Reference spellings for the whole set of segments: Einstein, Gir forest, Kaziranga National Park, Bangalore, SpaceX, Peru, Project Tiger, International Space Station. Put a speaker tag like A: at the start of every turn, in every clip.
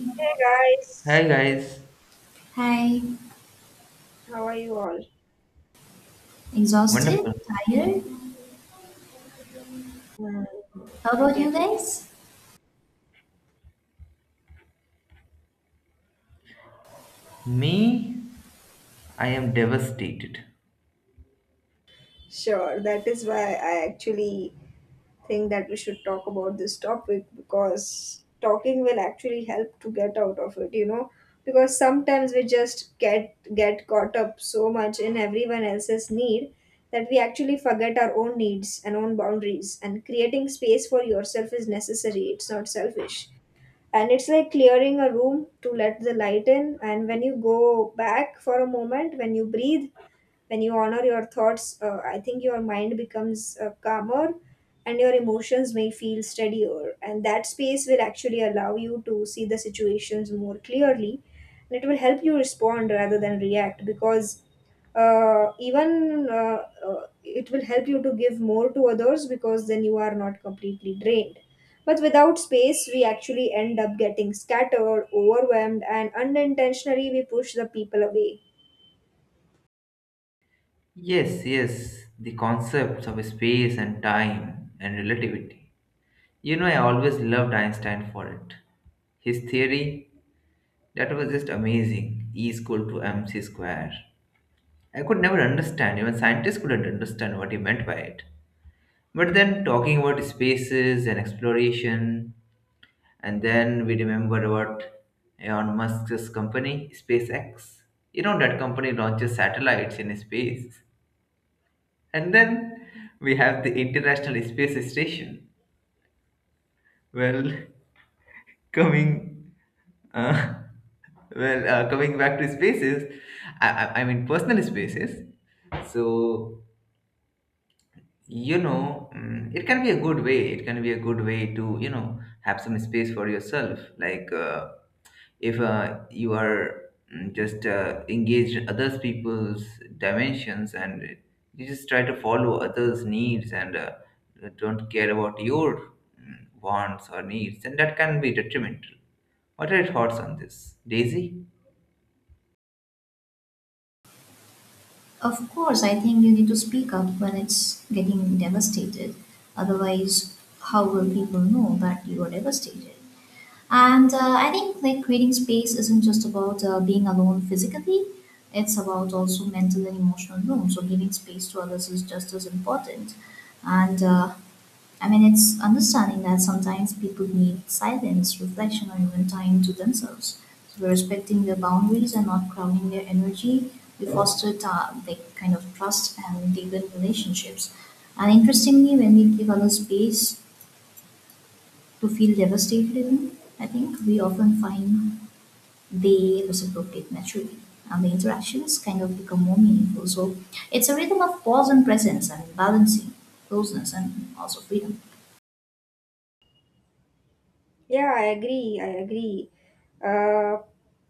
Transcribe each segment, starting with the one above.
A: Hey
B: Hi
A: guys,
B: guys,
C: Hi,
A: how are you all?
C: exhausted,
B: wonderful.
C: tired.
A: Hmm,
C: How
A: I
C: about you
A: get it.
C: guys?
B: Me, I am devastated.
A: Sure, that is why I actually think that we should talk about this topic because talking will actually help to get out of it. Because sometimes we just get caught up so much in everyone else's need that we actually forget our own needs and own boundaries. And creating space for yourself is necessary. It's not selfish. And it's like clearing a room to let the light in, and when you go back for a moment, when you breathe, when you honor your thoughts, I think your mind becomes calmer and your emotions may feel steadier. And that space will actually allow you to see the situations more clearly, and it will help you respond rather than react. Because even It will help you to give more to others because then you are not completely drained. But without space, we actually end up getting scattered, overwhelmed, and unintentionally we push the people away.
B: Yes, yes, the concepts of space and time and relativity. You know, I always loved Einstein for it. His theory, that was just amazing. E is equal to mc square. I could never understand, even scientists couldn't understand what he meant by it. But then talking about spaces and exploration, and then we remember about Elon Musk's company, SpaceX. You know, that company launches satellites in space. And then we have the International Space Station. Well, coming. Uh, well, coming back to spaces, I mean personal spaces. So you know it can be a good way to you know have some space for yourself like if you are just engaged in others people's dimensions and you just try to follow others needs and don't care about your wants or needs, then that can be detrimental. What are your thoughts on this, Daisy?
C: Of course, I think you need to speak up when it's getting devastated. Otherwise, how will people know that you are devastated? And I think like creating space isn't just about being alone physically. It's about also mental and emotional room. So giving space to others is just as important. And I mean, it's understanding that sometimes people need silence, reflection, or even time to themselves. So we're respecting their boundaries and not crowding their energy. We foster like kind of trust and deepen relationships. And interestingly, when we give others space to feel devastated, even, I think we often find they reciprocate naturally. And the interactions kind of become more meaningful. So it's a rhythm of pause and presence and balancing closeness and also freedom.
A: Yeah, I agree. I agree. Uh,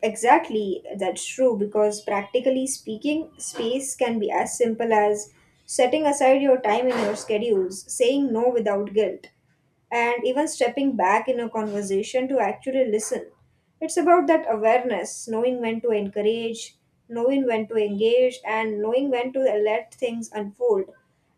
A: exactly, that's true because practically speaking, space can be as simple as setting aside your time in your schedules, saying no without guilt, and even stepping back in a conversation to actually listen. It's about that awareness, knowing when to encourage, knowing when to engage, and knowing when to let things unfold.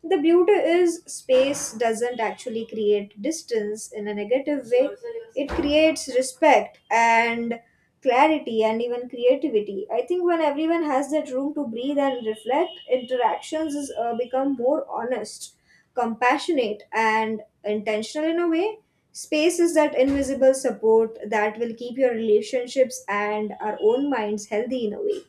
A: The beauty is space doesn't actually create distance in a negative way, it creates respect and clarity and even creativity. I think when everyone has that room to breathe and reflect, interactions become more honest, compassionate and intentional. In a way, space is that invisible support that will keep your relationships and our own minds healthy in a way.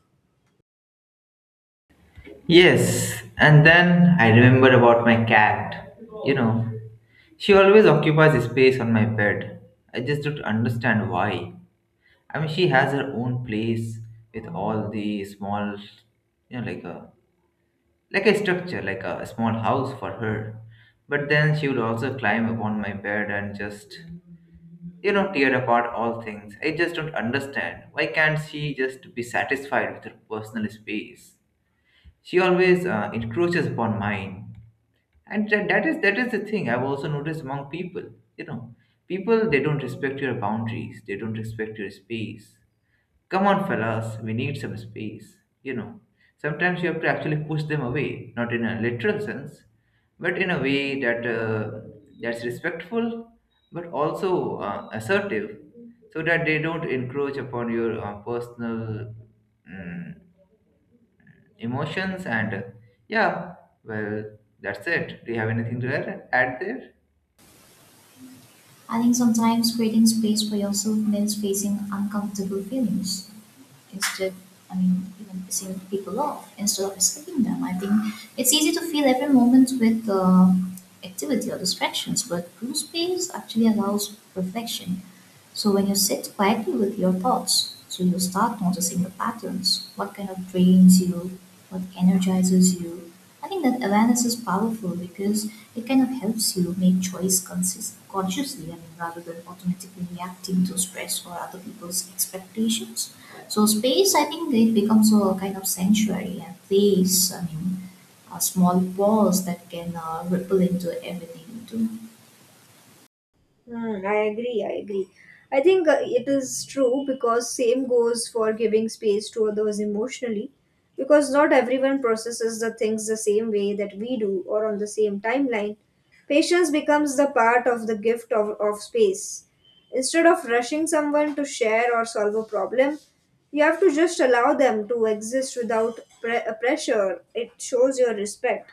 B: Yes, and then I remember about my cat. You know, she always occupies space on my bed. I just don't understand why. I mean, she has her own place with all the small, you know, like a structure, like a small house for her. But then she would also climb upon my bed and just, you know, tear apart all things. I just don't understand. Why can't she just be satisfied with her personal space? She always encroaches upon mine, and that is the thing I've also noticed among people. You know, people, they don't respect your boundaries, they don't respect your space. Come on, fellas, we need some space. You know, sometimes you have to actually push them away, not in a literal sense, but in a way that that's respectful but also assertive, so that they don't encroach upon your personal mm, emotions. And yeah, well, that's it. Do you have anything to add there?
C: I think sometimes creating space for yourself means facing uncomfortable feelings instead, I mean, even pissing people off instead of escaping them. I think it's easy to fill every moment with activity or distractions, but blue space actually allows reflection. So when you sit quietly with your thoughts, so you start noticing the patterns, what kind of drains you, what energizes you. I think that awareness is powerful because it kind of helps you make choice consciously, I mean, rather than automatically reacting to stress or other people's expectations. So space, I think it becomes a kind of sanctuary and place, I mean, a small pause that can ripple into everything. Into.
A: Hmm, I agree. I agree. I think it is true because same goes for giving space to others emotionally, because not everyone processes the things the same way that we do or on the same timeline. Patience becomes the part of the gift of space. Instead of rushing someone to share or solve a problem, you have to just allow them to exist without pressure. It shows your respect.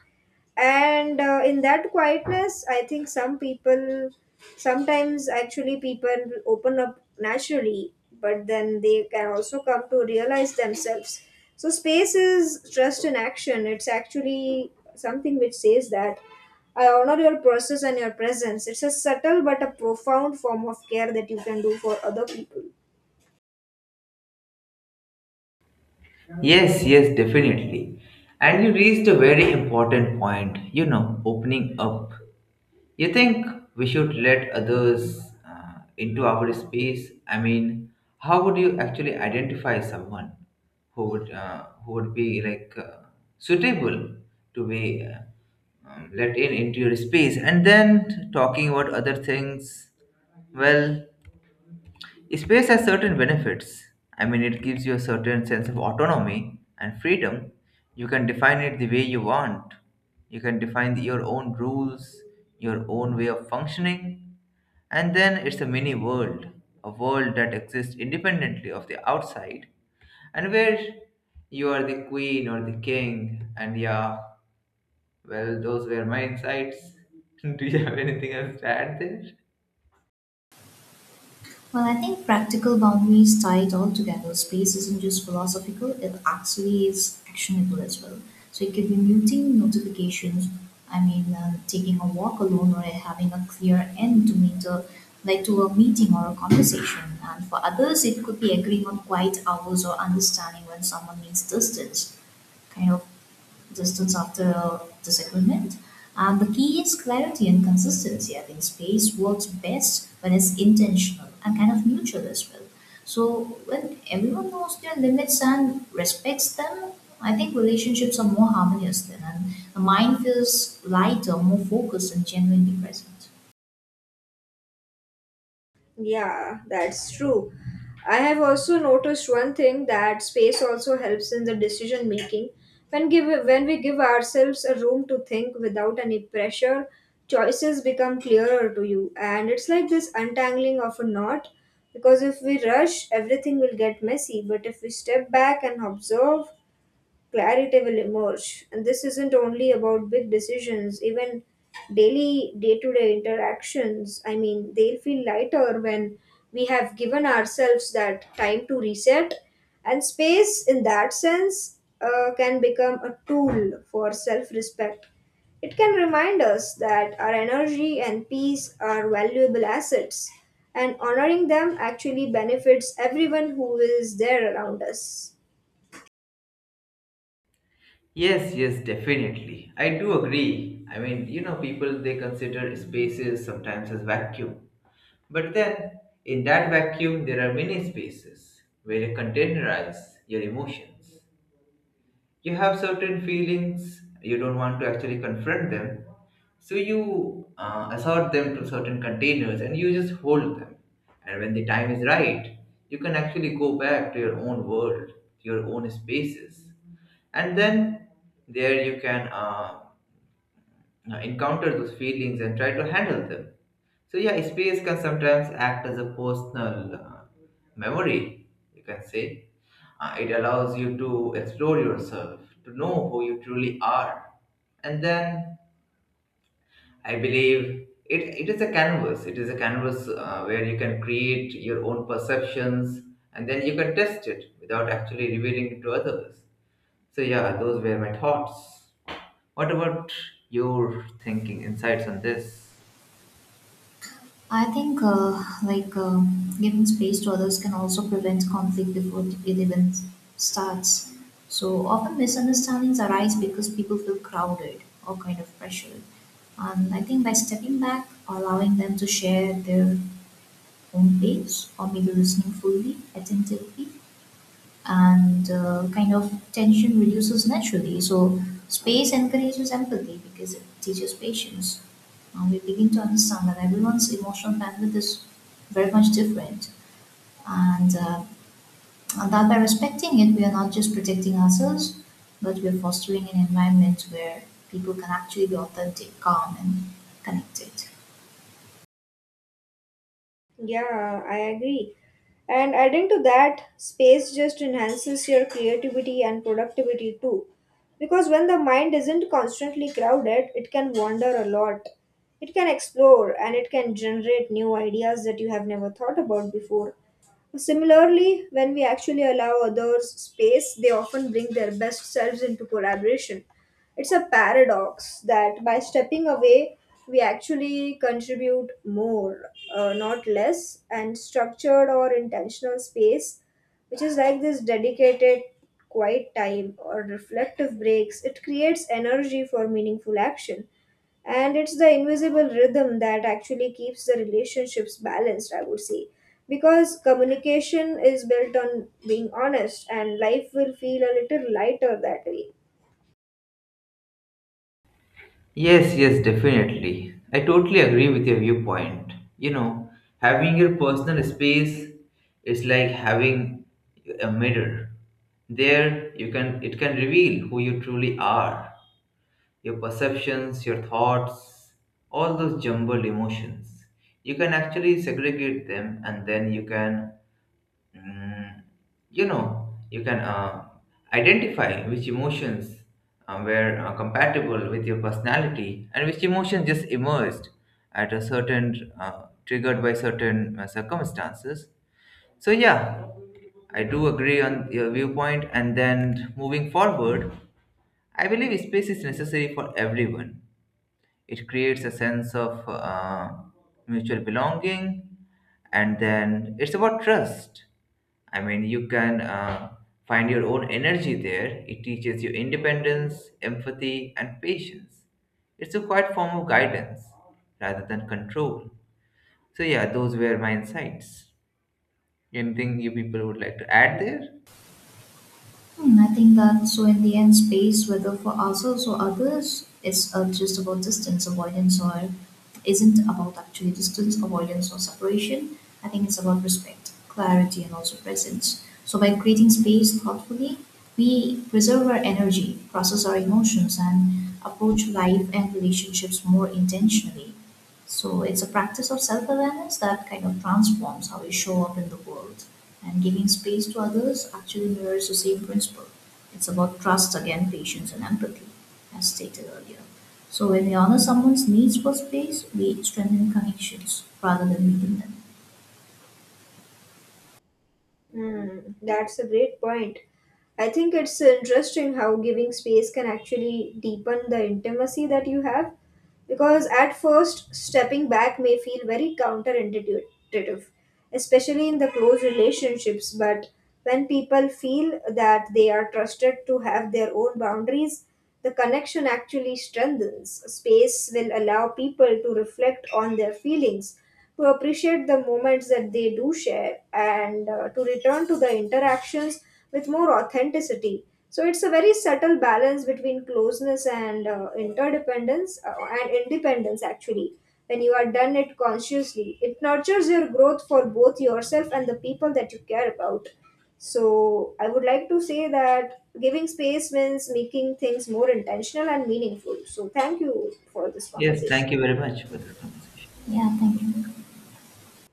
A: And in that quietness, I think some people, sometimes actually people open up naturally, but then they can also come to realize themselves. So, space is trust in action. It's actually something which says that I honor your process and your presence. It's a subtle but a profound form of care that you can do for other people.
B: Yes, yes, definitely. And you reached a very important point, you know, opening up. You think we should let others into our space? I mean, how would you actually identify someone who would be like suitable to be let in into your space? And then talking about other things, well, space has certain benefits. I mean, it gives you a certain sense of autonomy and freedom. You can define it the way you want. You can define your own rules, your own way of functioning. And then it's a mini world, a world that exists independently of the outside, and where you are the queen or the king. And yeah, well, those were my insights. Do you have anything else to add there?
C: Well, I think practical boundaries tie it all together. Space isn't just philosophical, it actually is actionable as well. So it could be muting notifications, I mean, taking a walk alone or having a clear end to meet a, like to a meeting or a conversation. And for others, it could be agreeing on quiet hours or understanding when someone needs distance, kind of distance after disagreement. And the key is clarity and consistency. I think space works best when it's intentional and kind of mutual as well. So when everyone knows their limits and respects them, I think relationships are more harmonious then, and the mind feels lighter, more focused, and genuinely present.
A: Yeah, that's true. I have also noticed one thing, that space also helps in the decision making. When we give ourselves a room to think without any pressure, choices become clearer to you. And it's like this untangling of a knot, because if we rush, everything will get messy. But if we step back and observe, clarity will emerge. And this isn't only about big decisions, even daily day to day interactions. I mean, they'll feel lighter when we have given ourselves that time to reset. And space, in that sense, can become a tool for self respect. It can remind us that our energy and peace are valuable assets, and honoring them actually benefits everyone who is there around us.
B: Yes, yes, definitely. I do agree. I mean, you know, people they consider spaces sometimes as vacuum. But then, in that vacuum, there are many spaces where you containerize your emotions. You have certain feelings you don't want to actually confront them, so you assort them to certain containers and you just hold them, and when the time is right, you can actually go back to your own world, your own spaces, and then there you can encounter those feelings and try to handle them. So yeah, space can sometimes act as a personal memory, you can say. It allows you to explore yourself, to know who you truly are. And then I believe it is a canvas. It is a canvas where you can create your own perceptions, and then you can test it without actually revealing it to others. So yeah, those were my thoughts. What about your thinking, insights on this?
C: I think giving space to others can also prevent conflict before it even starts. So often misunderstandings arise because people feel crowded or kind of pressured. And I think by stepping back, allowing them to share their own pace, or maybe listening fully, attentively, and kind of tension reduces naturally. So, space encourages empathy because it teaches patience. And we begin to understand that everyone's emotional bandwidth is very much different, and, uh, and that by respecting it, we are not just protecting ourselves, but we are fostering an environment where people can actually be authentic, calm, and connected.
A: Yeah, I agree. And adding to that, space just enhances your creativity and productivity too. Because when the mind isn't constantly crowded, it can wander a lot. It can explore and it can generate new ideas that you have never thought about before. Similarly, when we actually allow others space, they often bring their best selves into collaboration. It's a paradox that by stepping away, we actually contribute more, not less, and structured or intentional space, which is like this dedicated quiet time or reflective breaks, it creates energy for meaningful action, and it's the invisible rhythm that actually keeps the relationships balanced, I would say, because communication is built on being honest and life will feel a little lighter that way.
B: Yes, yes, definitely. I totally agree with your viewpoint. You know, having your personal space is like having a mirror. There you can it can reveal who you truly are. Your perceptions, your thoughts, all those jumbled emotions. You can actually segregate them, and then you can Mm, you know, you can identify which emotions were compatible with your personality and which emotions just emerged at a certain, triggered by certain circumstances. So, yeah, I do agree on your viewpoint. And then moving forward, I believe space is necessary for everyone. It creates a sense of mutual belonging, and then it's about trust. I mean, you can find your own energy there. It teaches you independence, empathy and patience. It's a quiet form of guidance rather than control. So yeah, those were my insights. Anything you people would like to add there?
C: Hmm, I think that so in the end, space, whether for ourselves or others, is just about distance avoidance or isn't about actually distance avoidance or separation. I think it's about respect, clarity, and also presence. So by creating space thoughtfully, we preserve our energy, process our emotions, and approach life and relationships more intentionally. So it's a practice of self awareness that kind of transforms how we show up in the world and giving space to others actually mirrors the same principle. It's about trust again, patience, and empathy, as stated earlier. So when we honor someone's needs for space, we strengthen connections rather than weaken them.
A: Hmm, that's a great point. I think it's interesting how giving space can actually deepen the intimacy that you have, because at first, stepping back may feel very counterintuitive, especially in the close relationships. But when people feel that they are trusted to have their own boundaries, the connection actually strengthens. Space will allow people to reflect on their feelings, to appreciate the moments that they do share, and to return to the interactions with more authenticity. So it's a very subtle balance between closeness and interdependence and independence, actually. When you are done it consciously, it nurtures your growth for both yourself and the people that you care about. So I would like to say that giving space means making things more intentional and meaningful. So thank you for this
B: Yes, thank
A: conversation.
B: you very much for this conversation.
C: Yeah, thank you.